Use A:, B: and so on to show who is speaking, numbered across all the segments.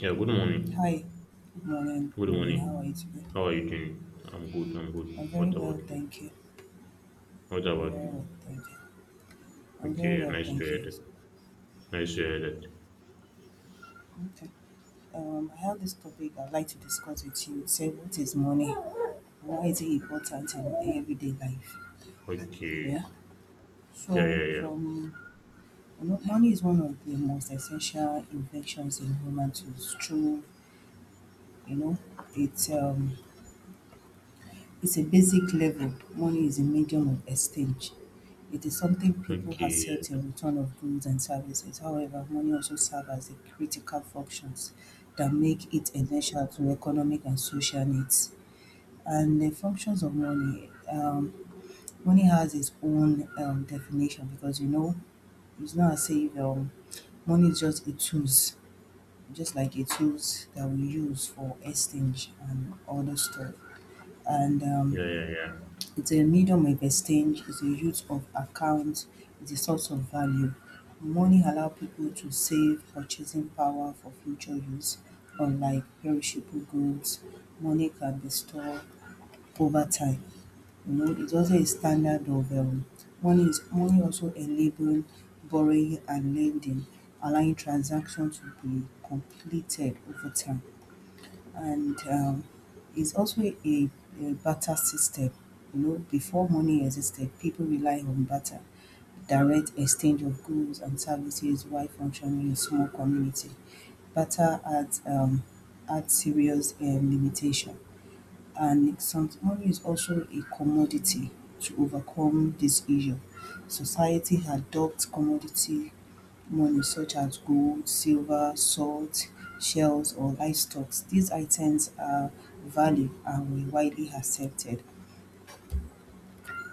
A: Yeah, good
B: Hi,
A: morning.
B: good morning, good
A: Good
B: morning.
A: morning.
B: How are you today?
A: How are you doing? I'm good, I'm good.
B: I'm very
A: What
B: well,
A: about you?
B: thank you.
A: What
B: I'm
A: about
B: very
A: you?
B: well, thank you. I'm very
A: Okay,
B: well,
A: nice to
B: thank
A: hear
B: you.
A: that. Nice to hear that.
B: Okay. I have this topic I'd like to discuss with you. It said, what is money? Why is it important in everyday life? Yeah.
A: Okay. Yeah,
B: So,
A: yeah, yeah.
B: from money is one of the most essential inventions in human tools. True, you know, it's um it's a basic level. Money is a medium of exchange. It is something people
A: Okay.
B: accept in return of goods and services. However, money also serves as a critical functions that make it essential to economic and social needs. And the functions of money, money has its own definition because it's not as if money is just a tools, just like a tools that we use for exchange and other stuff. And
A: Yeah, yeah, yeah.
B: it's a medium of exchange. It's a use of accounts. It's a source of value. Money allow people to save purchasing power for future use. Unlike perishable goods, money can be stored over time. You know, it's also a standard of money also enable borrowing and lending, allowing transactions to be completed over time, and it's also a barter system. You know, before money existed, people rely on barter, direct exchange of goods and services, while functioning in a small community. Barter adds serious limitation, and Lexington is also a commodity. To overcome this issue, society adopts commodity money such as gold, silver, salt, shells or livestock. These items are valued and were widely accepted.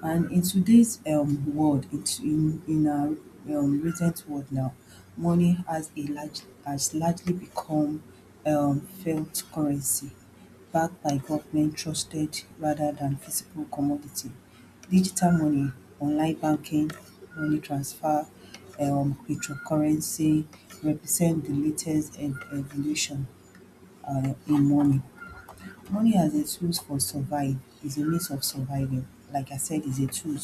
B: And in today's world, it's in our recent world now, money has a large has largely become felt currency, backed by government trusted rather than physical commodity. Digital money, online banking, money transfer, cryptocurrency represent the latest evolution in money. Money as a tool for survive is a means of surviving. Like I said, is a tool,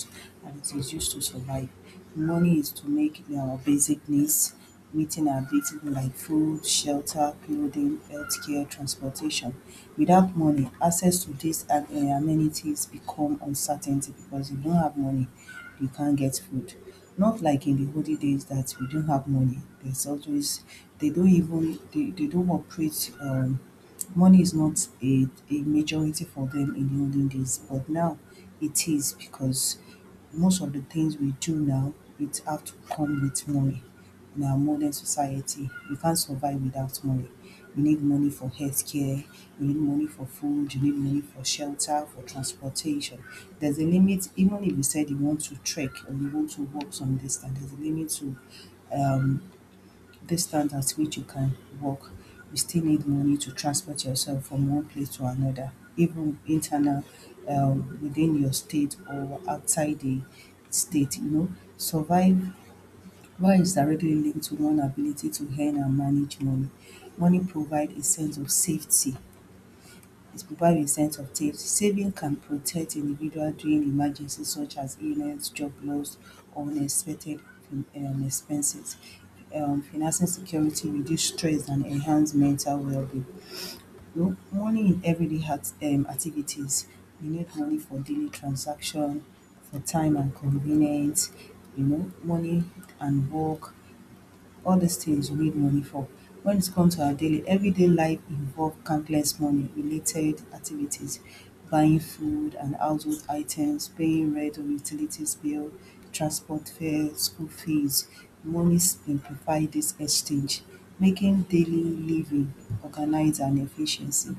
B: and it is used to survive. Money is to make our basic needs, meeting our basic needs like food, shelter, clothing, healthcare, transportation. Without money, access to these amenities become uncertainty. Because you don't have money, you can't get food. Not like in the olden days that we don't have money. There's always, they don't even they don't operate, money is not a majority for them in the olden days, but now it is, because most of the things we do now, it have to come with money. In our modern society, you can't survive without money. You need money for healthcare, you need money for food, you need money for shelter, for transportation. There's a limit, even if you said you want to trek or you want to walk some distance, there's a limit to um, distance at which you can walk. You still need money to transport yourself from one place to another, even internal within your state or outside the state, you know. Survive. Why is directly linked to one ability to earn and manage money. Money provides a sense of safety. It provides a sense of safety. Saving can protect individuals during emergencies such as illness, job loss, or unexpected expenses. Financing security reduce stress and enhance mental well-being. Money in everyday activities. We need money for daily transaction, for time and convenience, money and work, all these things we need money for. When it comes to our daily, everyday life involve countless money related activities: buying food and household items, paying rent or utilities bill, transport fare, school fees. Money simplify this exchange, making daily living organized and efficiency.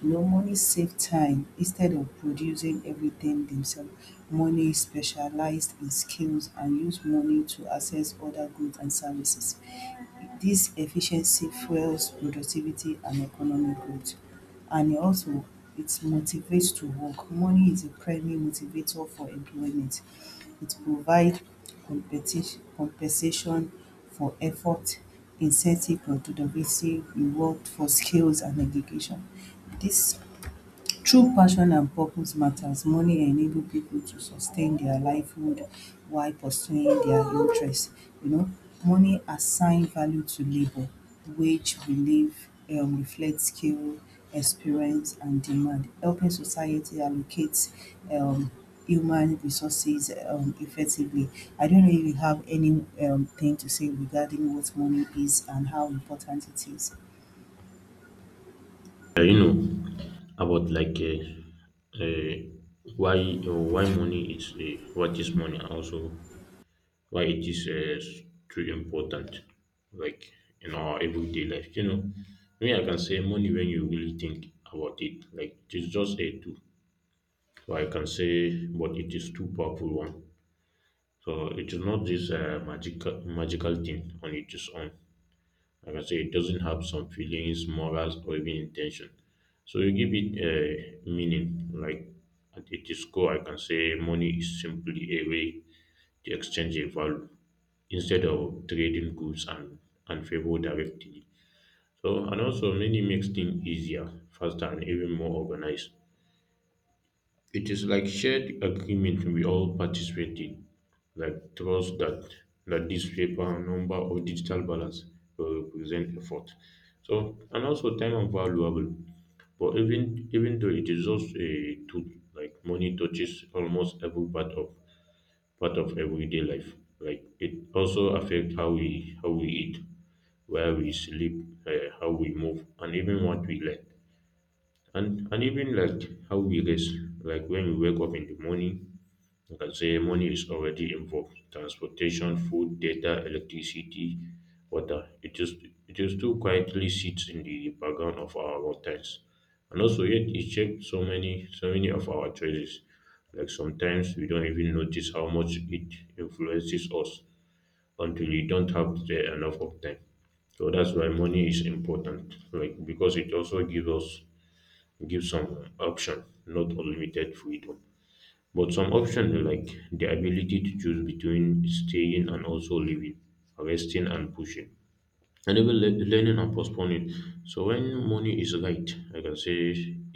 B: You know, money save time instead of producing everything themselves. Money is specialized in skills and use money to access other goods and services. This efficiency fuels productivity and economic growth. And it motivates to work. Money is a primary motivator for employment. It provides compensation for effort, incentive and innovative reward for skills and education. This True passion and purpose matters, money enable people to sustain their livelihood while pursuing their interests. You know, money assign value to labor, wage relief reflect skill, experience, and demand, helping society allocate um, human resources effectively. I don't know if you have any thing to say regarding what money is and how important it is.
A: Yeah, you know about like why money is what is money and also why it is too important like in our everyday life. You know, me I can say money when you really think about it. Like it's just a tool. So I can say, but it is too powerful one. So it is not this magical thing on its own. Like I say, it doesn't have some feelings, morals, or even intention. So you give it a meaning. Like at its core, I can say money is simply a way to exchange a value instead of trading goods and favor directly. So, and also many makes things easier, faster, and even more organized. It is like shared agreement we all participate in, like trust that this paper number or digital balance will represent effort. So and also time and valuable. But even though it is just a tool, like money touches almost every part of everyday life. Like it also affects how we eat, where we sleep, how we move, and even what we learn and even like how we rest, like when we wake up in the morning, you can say money is already involved, transportation, food, data, electricity, water. It just too quietly sits in the background of our routines, and also yet it shapes so many of our choices. Like sometimes we don't even notice how much it influences us until we don't have the enough of time. So that's why money is important, like because it also gives us, give some option, not unlimited freedom, but some option, like the ability to choose between staying and also leaving, resting and pushing, and even learning and postponing. So when money is right, I can say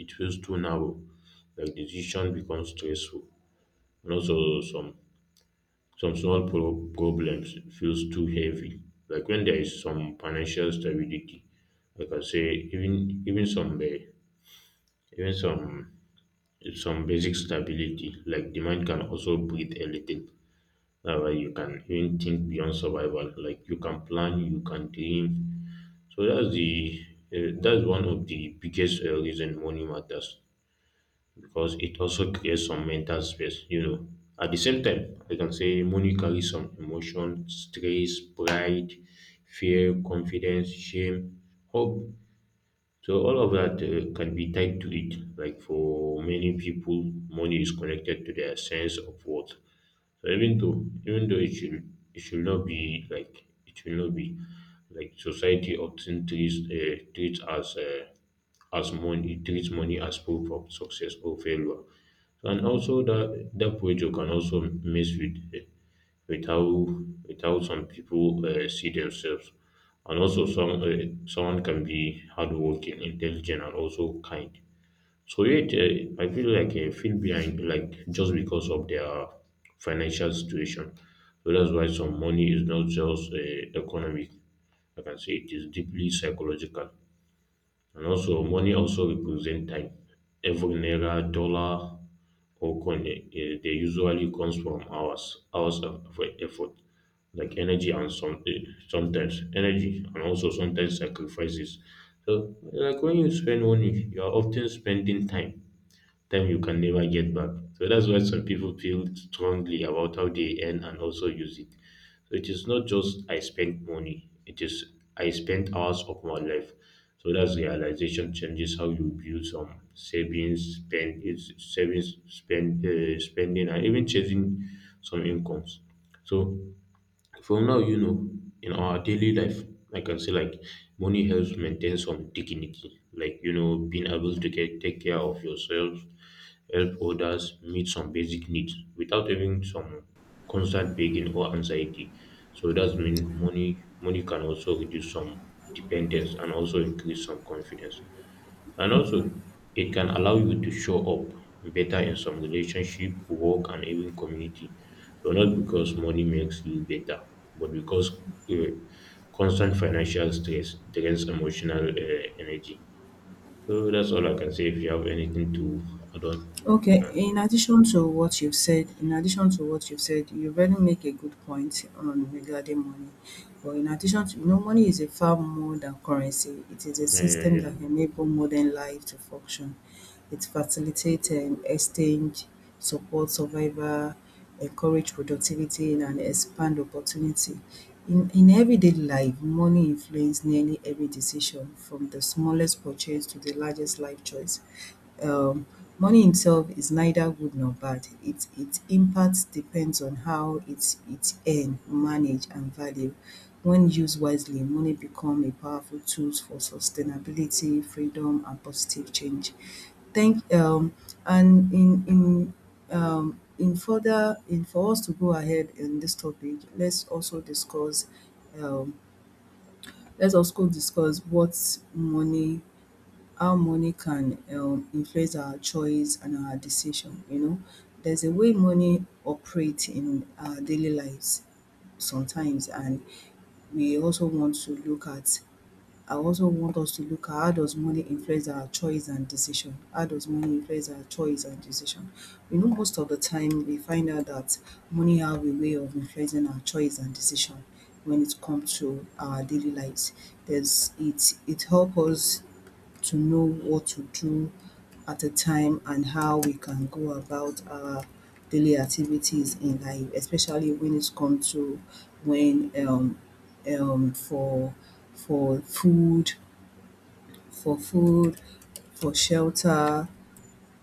A: it feels too narrow. Like decision becomes stressful, and also some small problems feels too heavy. Like when there is some financial stability, I can say even even some basic stability, like the mind can also breathe a little. That way you can even think beyond survival, like you can plan, you can dream. So that's the, that's one of the biggest reason money matters, because it also creates some mental space, you know. At the same time, I can say money carries some emotion, stress, pride, fear, confidence, shame, hope. So all of that can be tied to it. Like for many people, money is connected to their sense of worth. So even though it should not be like it should not be like, society often treats treats as money it treats money as proof of success or failure. So, and also that pressure can also mess with with how with how some people see themselves. And also some, someone can be hardworking, intelligent, and also kind, so yet, I feel like I feel behind, like just because of their financial situation. So that's why some money is not just economic. I can say it is deeply psychological, and also money also represents time. Every naira, dollar, or coin, they usually comes from hours, hours of effort, like energy and some sometimes energy and also sometimes sacrifices. So, like when you spend money, you are often spending time you can never get back. So that's why some people feel strongly about how they earn and also use it. So it is not just I spent money, it is I spent hours of my life. So that's realization changes how you view some savings, spend is savings, spend spending, and even chasing some incomes. So from now, you know, in our daily life, I can say like money helps maintain some dignity, like you know, being able to get, take care of yourself, help others, meet some basic needs without having some constant begging or anxiety. So that's mean money can also reduce some dependence and also increase some confidence. And also, it can allow you to show up better in some relationship, work, and even community. So, not because money makes you better, but because uh, constant financial stress drains emotional energy. So, that's all I can say. If you have anything to add on, you
B: Okay,
A: can.
B: in addition to what you've said, you really make a good point on regarding money. But in addition, money is a far more than currency. It is a
A: Yeah, yeah,
B: system
A: yeah.
B: that enable modern life to function. It facilitates exchange, support survival, encourage productivity and expand opportunity. In everyday life, money influences nearly every decision, from the smallest purchase to the largest life choice. um Money itself is neither good nor bad. Its impact depends on how it earn, manage and value. When used wisely, money become a powerful tools for sustainability, freedom and positive change. Thank and in further in for us to go ahead in this topic, let's also discuss um what money how money can influence our choice and our decision. You know, there's a way money operates in our daily lives sometimes, and we also want to look at. I also want us to look at, how does money influence our choice and decision? How does money influence our choice and decision? You know, most of the time we find out that money have a way of influencing our choice and decision when it comes to our daily lives. There's it it helps us to know what to do at a time, and how we can go about our daily activities in life, especially when it comes to, when um, for for food, for food, for shelter,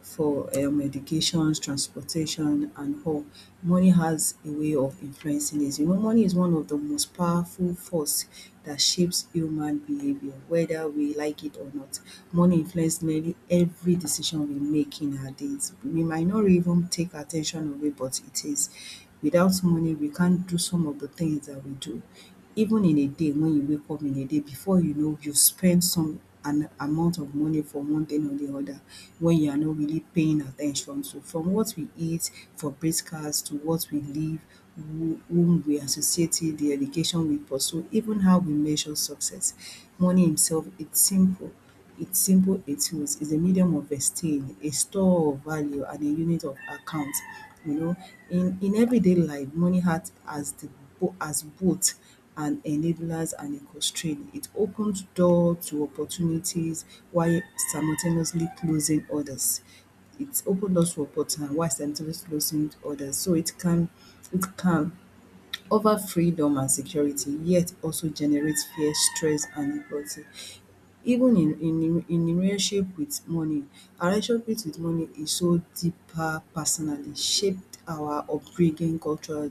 B: for education, transportation and all. Money has a way of influencing this. You know, money is one of the most powerful force that shapes human behaviour, whether we like it or not. Money influence nearly every decision we make in our days. We might not even take at ten tion of it, but it is. Without money, we can't do some of the things that we do. Even in a day, when you wake up in a day, before you know, you've spent some an amount of money for one thing or the other, when you are not really paying attention. So from what we eat for breakfast, to what we live, whom we associate with, the education we pursue, even how we measure success. Money himself, it's simple, its symbol (80) is a medium of exchange, a store of value and a unit of account, you know. In everyday life, money acts as both an enablers and a constraint. It opens door to opportunities while simultaneously closing others. It opens doors to opportunities while simultaneously closing others. So it can offer freedom and security, yet also generates fear, stress and inequality. Even in relationship with money. Our relationship with money is so deeper personally, shaped our upbringing, culture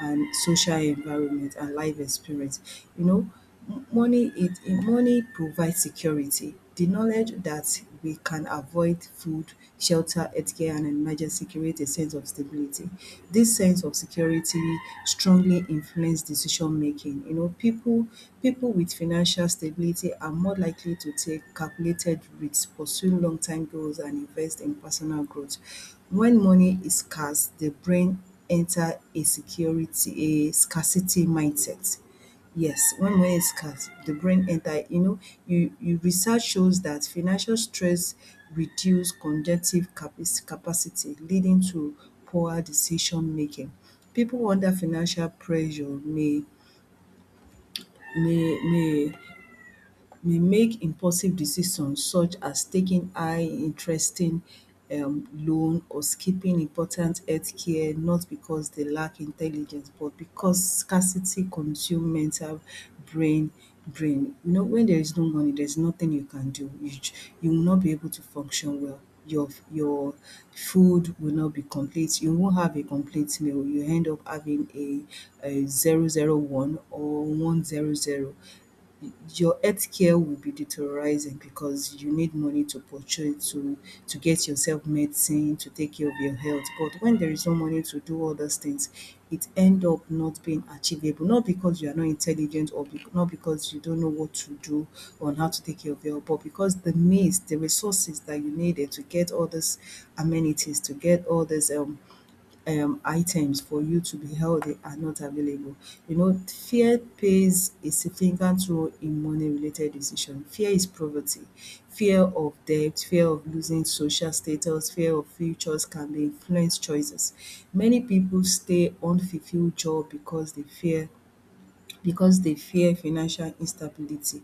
B: and social environment and life experience. You know, money provides security. The knowledge that we can avoid food, shelter, healthcare and emergency creates a sense of stability. This sense of security strongly influence decision making. You know, people with financial stability are more likely to take calculated risks, pursue long term goals and invest in personal growth. When money is scarce, the brain enter a scarcity mindset. Yes, when money is scarce, the brain enter. You know, you research shows that financial stress reduce conjunctive capacity, leading to poor decision making. People under financial pressure may may may make impulsive decisions, such as taking high interesting loan or skipping important healthcare, not because they lack intelligence, but because scarcity consume mental brain brain. You know, when there is no money, there is nothing you can do. You you will not be able to function well. Your food will not be complete. You won't have a complete meal. You end up having a 0 0 1 or 1 0 0. Your healthcare will be deteriorizing, because you need money to purchase, to get yourself medicine, to take care of your health. But when there is no money to do all those things, it end up not being achievable. Not because you are not intelligent, or be not because you don't know what to do on how to take care of your health, but because the means, the resources that you needed to get all these amenities, to get all these items for you to be healthy, are not available. You know, fear plays a significant role in money related decision. Fear is poverty, fear of debt, fear of losing social status, fear of futures can be influence choices. Many people stay unfulfilled job because they fear financial instability.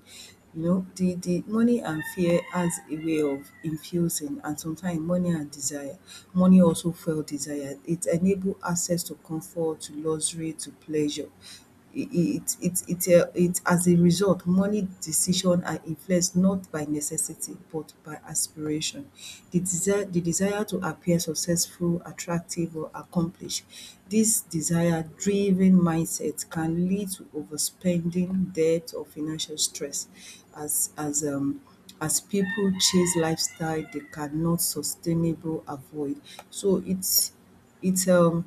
B: You know, the money and fear has a way of infusing and sometimes money and desire. Money also fuel desire. It enable access to comfort, to luxury, to pleasure. It as a result money decision are influenced not by necessity but shaped by aspiration. The desire to appear successful, attractive or accomplished. This desire driven mindset can lead to overspending, debt or financial stress as as um as people chase lifestyle they cannot sustainable avoid. So it's it's um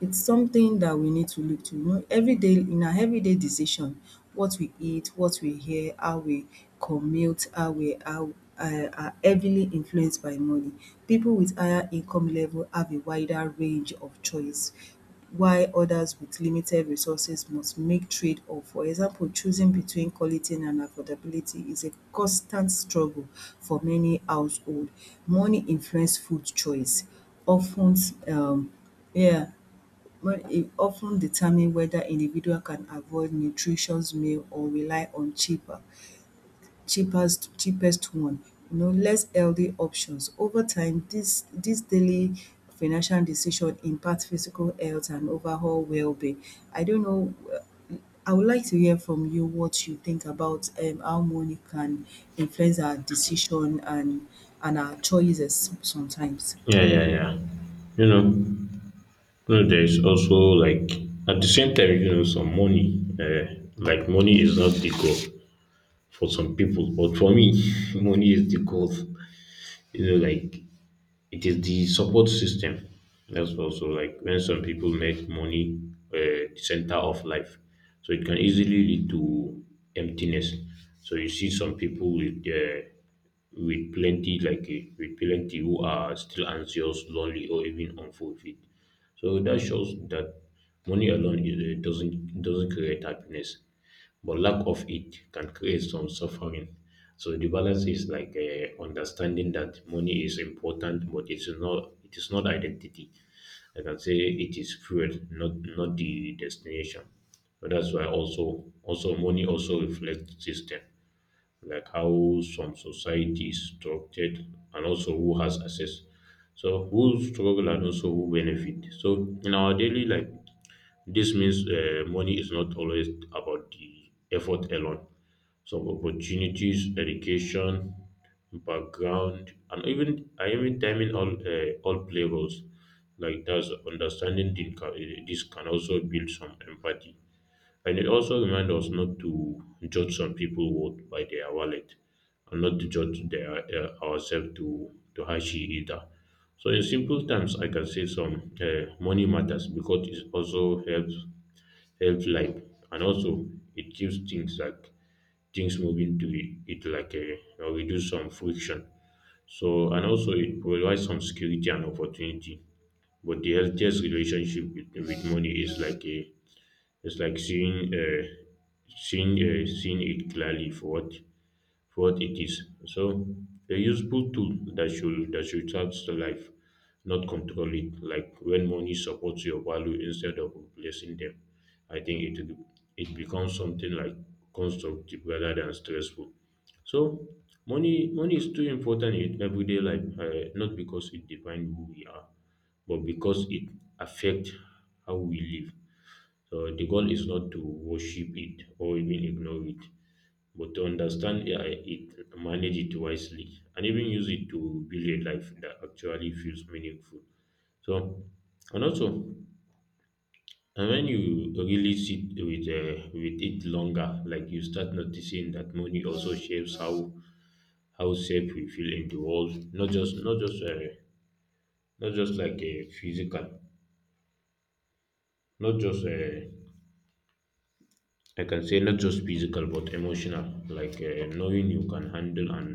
B: it's something that we need to look to. You know, everyday in our everyday decision, what we eat, what we hear, how we commute, how are heavily influenced by money. People with higher income level have a wider range of choice while others with limited resources must make trade-off. For example, choosing between quality and affordability is a constant struggle for many household. Money influence food choice. Often, um yeah but it often determine whether individual can avoid nutritious meal or rely on cheaper cheapest cheapest one, you know, less healthy options. Over time this daily financial decision impact physical health and overall well being. I don't know. I would like to hear from you what you think about how money can influence our decision and our choices sometimes.
A: Yeah, yeah, yeah. You know, there's also like, at the same time, you know, some money, like, money is not the goal for some people. But for me, money is the goal. You know, like it is the support system. That's also like when some people make money center of life, so it can easily lead to emptiness. So you see some people with plenty like with plenty who are still anxious, lonely, or even unfulfilled. So that shows that money alone is, doesn't create happiness, but lack of it can create some suffering. So the balance is like, understanding that money is important, but it is not identity. Like I can say it is fuel, not the destination. So that's why also money also reflects system, like how some society is structured, and also who has access, so who struggle and also who benefit. So in our daily life, this means, money is not always about the effort alone. Some opportunities, education, background, and even timing, all play roles. Like that's understanding the, this can also build some empathy, and it also reminds us not to judge some people worth by their wallet, and not to judge their, ourselves to too harshly either. So, in simple terms, I can say some, money matters because it also helps, helps life, and also it keeps things like things moving to it, it like a or reduce some friction. So, and also it provides some security and opportunity. But the healthiest relationship with money is like a, it's like seeing seeing it clearly for what it is. So a useful tool that should help the life, not control it. Like when money supports your value instead of replacing them, I think it, it becomes something like constructive rather than stressful. So money is too important in everyday life, not because it defines who we are, but because it affects how we live. So the goal is not to worship it or even ignore it, but to understand, it, manage it wisely, and even use it to build a life that actually feels meaningful. So, and also, and when you really sit with, with it longer, like you start noticing that money also shapes how safe we feel in the world, not just not just like a physical, not just, I can say not just physical but emotional, like, knowing you can handle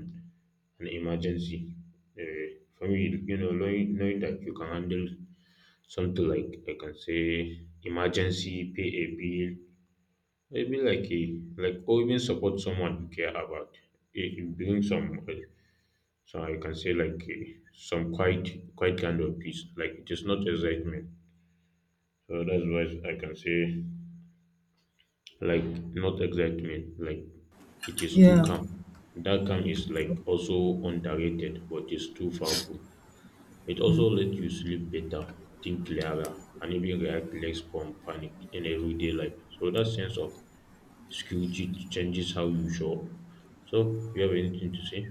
A: an emergency. Uh, for me, you know, knowing that you can handle something like, I can say, emergency, pay a bill, maybe like a like or even support someone you care about. It brings some, so I can say like, some quiet quiet kind of peace. Like it is not excitement. So that's why I can say like not excitement, like it is too
B: Yeah.
A: calm. That calm is like also underrated, but it's too powerful. It also lets you sleep better, think clearer, and even react less from panic in everyday life. So that sense of security changes how you show up. So you have anything to say?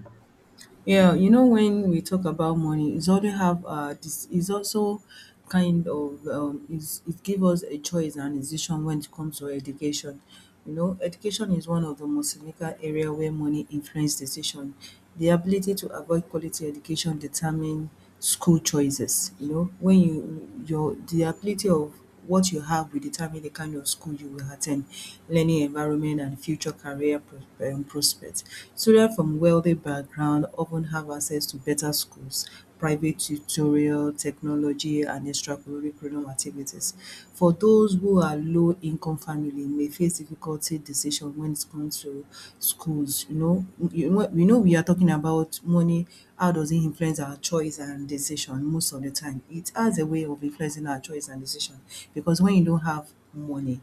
B: Yeah, you know, when we talk about money, it's also have this is also kind of, is it give us a choice and decision when it comes to education. You know, education is one of the most significant area where money influence decision. The ability to avoid quality education determine school choices. You know, when you your the ability of what you have will determine the kind of school you will attend, learning environment and future career prospects. Students from wealthy background often have access to better schools, private tutorial, technology and extracurricular activities. For those who are low income family may face difficulty decision when it comes to schools, you know we are talking about money, how does it influence our choice and decision most of the time. It has a way of influencing our choice and decision because when you don't have money,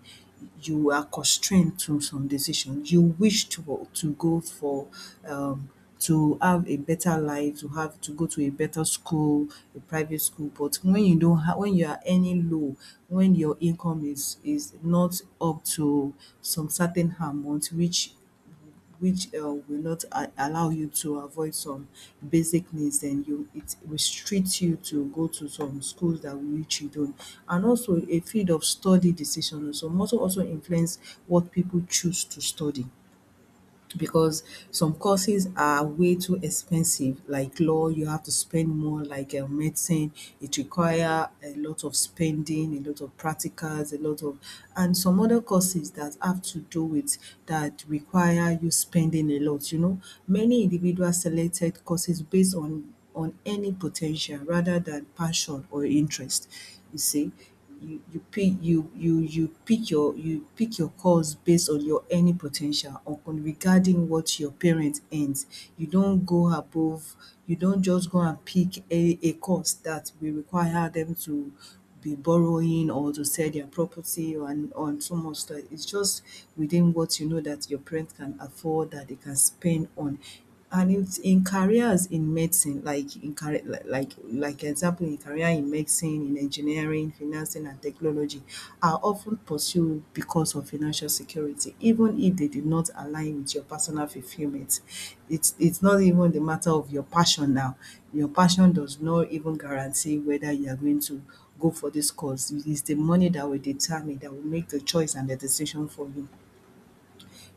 B: you are constrained to some decision. You wish to go for um to have a better life, to have to go to a better school, a private school, but when you don't have, when you are earning low, when your income is not up to some certain amount which will not allow you to avoid some basic needs, then you it restricts you to go to some schools that will which you don't. And also a field of study decision also must also influence what people choose to study, because some courses are way too expensive, like law you have to spend more, like medicine, it require a lot of spending, a lot of practicals, a lot of, and some other courses that have to do with that require you spending a lot, you know, many individuals selected courses based on any potential rather than passion or interest. You see, you pick you you you pick your course based on your earning potential ten tial or con- regarding what your parents earns. You don't go above, you don't just go and pick a course that will require them to be borrowing or to sell their property or and on so much, like it's just within what you know that your parents can afford, that they can spend on. And it's in careers in medicine, like in career, like example in career in medicine, in engineering, financing and technology are often pursued because of financial security, even if they did not align with your personal fulfillment. It's not even the matter of your passion now. Your passion does not even guarantee whether you are going to go for this course. It is the money that will determine, that will make the choice and the decision for you.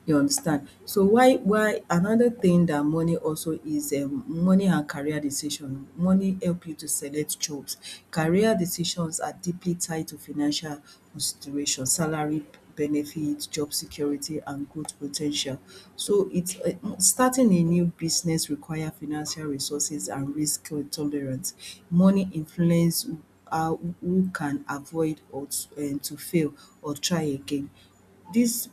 B: You understand? So why another thing that money also is, money and career decision. Money help you to select jobs. Career decisions are deeply tied to financial consideration, salary benefit, job security and growth potential. So it's, starting a new business require financial resources and risk tolerance. Money influence how who can avoid or to fail or try again dis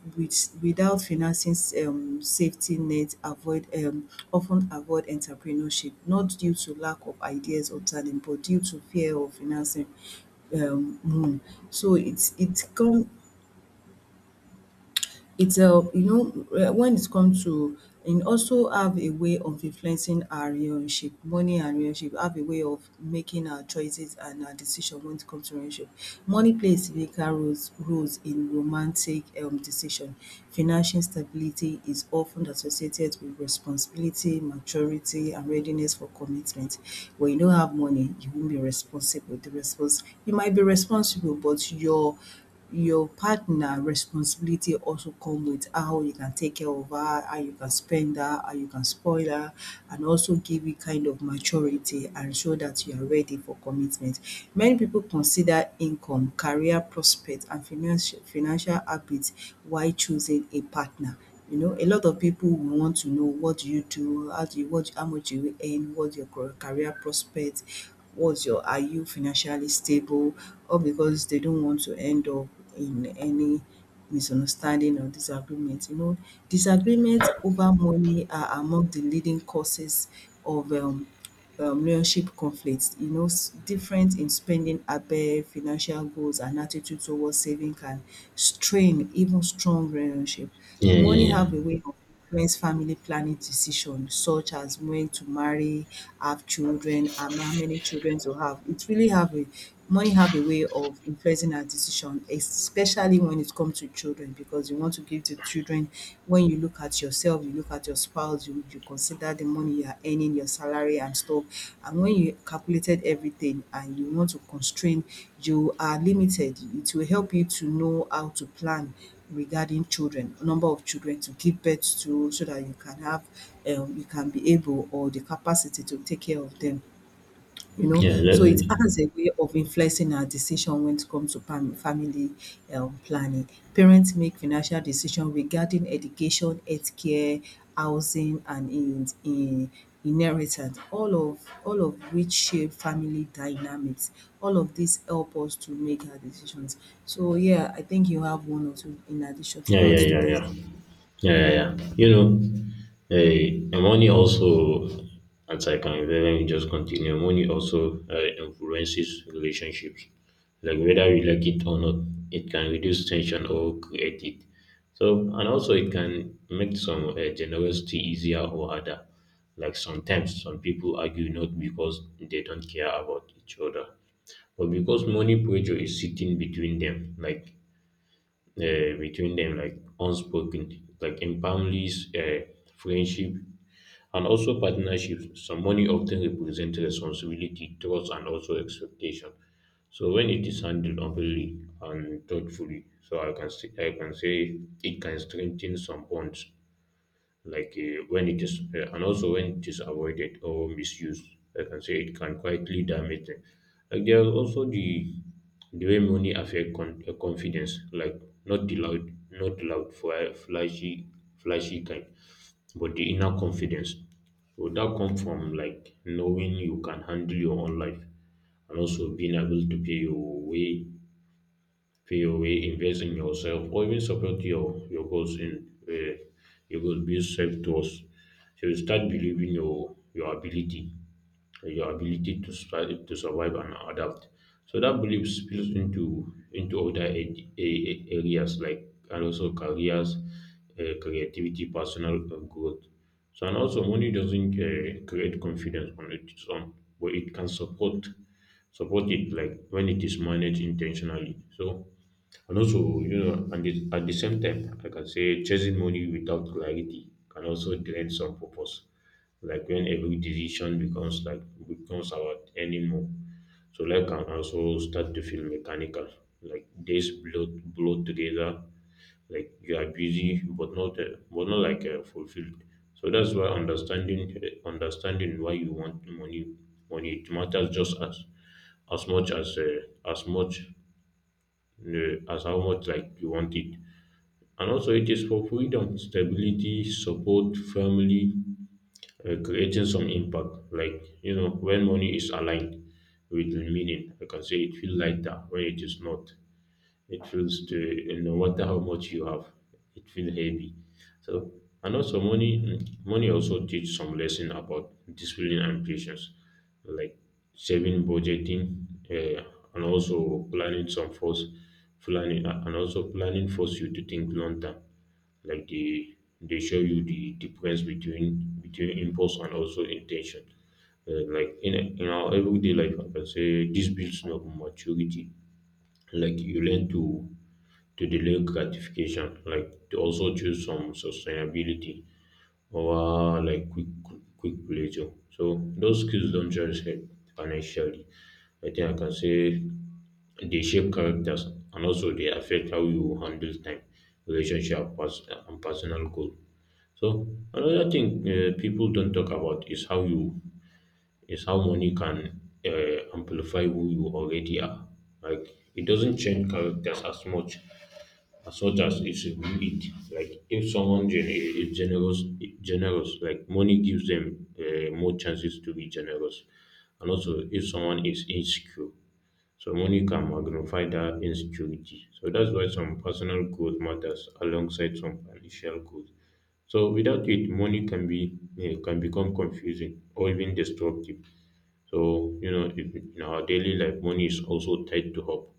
B: without financing, safety net, avoid, of avoid entrepreneurship not due to lack of ideas or talent but due to fear of financing. Um um so it's it come it's a You know, when it comes to, and also have a way of influencing our relationship, money and relationship have a way of making our choices and our decision when it comes to relationship. Money plays significant roles in romantic decision. Financial stability is often associated with responsibility, maturity and readiness for commitment. When you don't have money, you won't be responsible. The respons You might be responsible, but your partner responsibility also come with how you can take care of her, how you can spend her, how you can spoil her, and also give you kind of maturity and show that you are ready for commitment. Many people consider income, career prospect and financial habits while choosing a partner. You know, a lot of people will want to know what do you do, how do you, what how much do you earn, what's your career prospect, what's your, are you financially stable, all because they don't want to end up in any misunderstanding or disagreement. You know, disagreements over money are among the leading causes of, relationship conflicts. You know, different in spending habit, financial goals, and attitude towards saving can strain even strong relationship.
A: Yeah,
B: Money
A: yeah, yeah.
B: have a way of influence family planning decisions, such as when to marry, have children, and how many children to have. It really have a, money have a way of influencing our decision, especially when it comes to children, because you want to give to children, when you look at yourself, you look at your spouse, you consider the money you are earning, your salary and stuff. And when you calculated everything and you want to constrain, you are limited. It will help you to know how to plan regarding children, number of children to give birth to, so that you can have, you can be able or the capacity to take care of them, you know.
A: Yeah,
B: So
A: that's
B: it
A: it.
B: has a way of influencing our decision when it comes to family, planning. Parents make financial decisions regarding education, healthcare, housing, and in inheritance. All of which shape family dynamics. All of this help us to make our decisions. So yeah, I think you have one or two in addition
A: Yeah,
B: to add
A: yeah,
B: to
A: yeah,
B: this.
A: yeah, yeah, yeah, yeah. You know, money also, as I can, let me just continue. Money also, influences relationships, like whether we like it or not. It can reduce tension or create it. So, and also it can make some, generosity easier or harder. Like sometimes some people argue not because they don't care about each other, but because money pressure is sitting between them, like, like unspoken, like in families, friendship, and also partnerships. Some money often represents responsibility, trust, and also expectation. So when it is handled openly and thoughtfully, so I can say it can strengthen some bonds like when it is avoided or misused, I can say it can quietly damage them. Like there are also the way money affect confidence, like not the loud flashy kind, but the inner confidence. So that come from like knowing you can handle your own life, and also being able to pay your way, feel wey invest in yourself or even support your goals build self trust. So you start believing your ability, your ability to survive and adapt. So that belief spills into other areas like, and also careers, creativity, personal growth. So and also money doesn't create confidence on its own, but it can support it like when it is managed intentionally. So and also, you know, and at the same time, I can say chasing money without clarity can also drain some purpose. Like when every decision becomes about earning more. So life can also start to feel mechanical. Like days blow together. Like you are busy, but not fulfilled. So that's why understanding why you want money it matters just as much as how much like you want it. And also, it is for freedom, stability, support, family, creating some impact. Like you know, when money is aligned with the meaning, I can say it feels lighter. When it is not, it feels to, no matter how much you have, it feels heavy. So and also money also teach some lesson about discipline and patience, like saving, budgeting, uh, and also planning some force planning and also planning force you to think long term. Like they show you the difference between impulse and also intention. Like in our everyday life, I can say this builds no maturity. Like you learn to delay gratification, like to also choose some sustainability over quick pleasure. So those skills don't just help financially, I think, I can say they shape characters, and also they affect how you handle time, relationship pers- and personal goal. So another thing, people don't talk about is how money can amplify who you already are. Like it doesn't change characters as much as it's should it. Like if someone generous, like money gives them more chances to be generous. And also if someone is insecure, so money can magnify that insecurity. So that's why some personal growth matters alongside some financial growth. So without it, money can can become confusing or even destructive. So, you know, in our daily life, money is also tied to hope,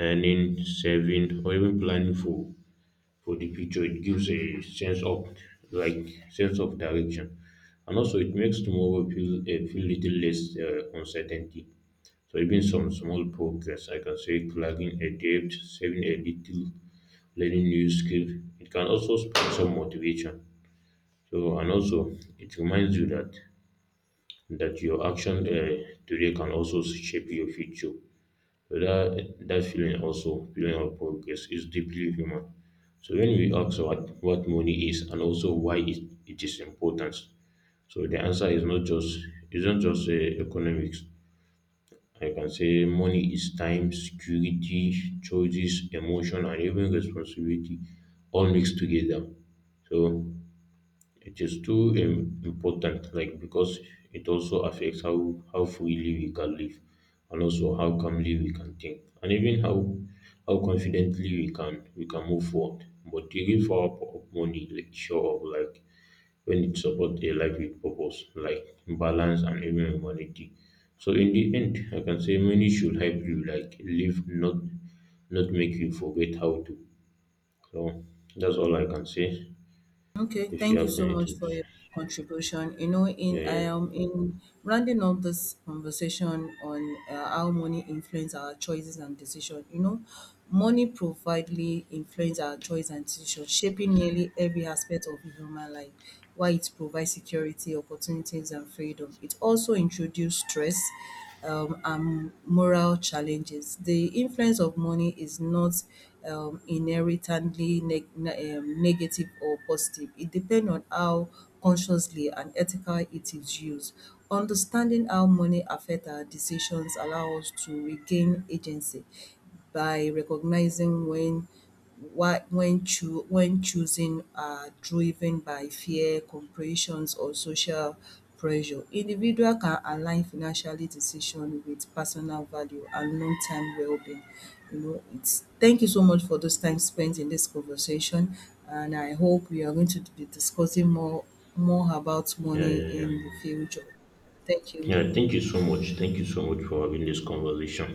A: earning, saving, or even planning for the future. It gives a sense of, like, sense of direction, and also it makes tomorrow feel little less uncertainty. So even some small progress, I can say clearing a debt, saving a little, learning new skill, it can also spark some motivation. So and also it reminds you that your action today can also shape your future. So that feeling, also feeling of progress is deeply human. So when we ask what money is and also it is important, so the answer is not just isn't just economics. I can say money is time, security, choices, emotion, and even responsibility all mixed together. So it is too important, like because it also affects how freely we can live, and also how calmly we can think, and even how confidently we can move forward. But the real power of money like show up like when it supports a life with purpose, like balance and even humanity. So in the end, I can say money should help you like live, not make you forget how to. So that's all I can say.
B: Okay,
A: If you
B: thank you
A: have
B: so much
A: anything to
B: for your
A: say,
B: contribution. You know,
A: yeah,
B: in I
A: yeah.
B: am in rounding up this conversation on how money influence our choices and decision. You know, money profoundly influence our choice and decision, shaping nearly every aspect of human life. While it provides security, opportunities, and freedom, it also introduces stress and moral challenges. The influence of money is not inherently negative or positive. It depends on how consciously and ethically it is used. Understanding how money affects our decisions allows us to regain agency by recognizing when when choosing are driven by fear, comparisons or social pressure. Individual can align financial decision with personal value and long term well being. You know, it's, thank you so much for those time spent in this conversation and I hope we are going to be discussing more about
A: Yeah,
B: money
A: yeah, yeah.
B: in the future. Thank you.
A: Yeah, thank you so much. Thank you so much for having this conversation.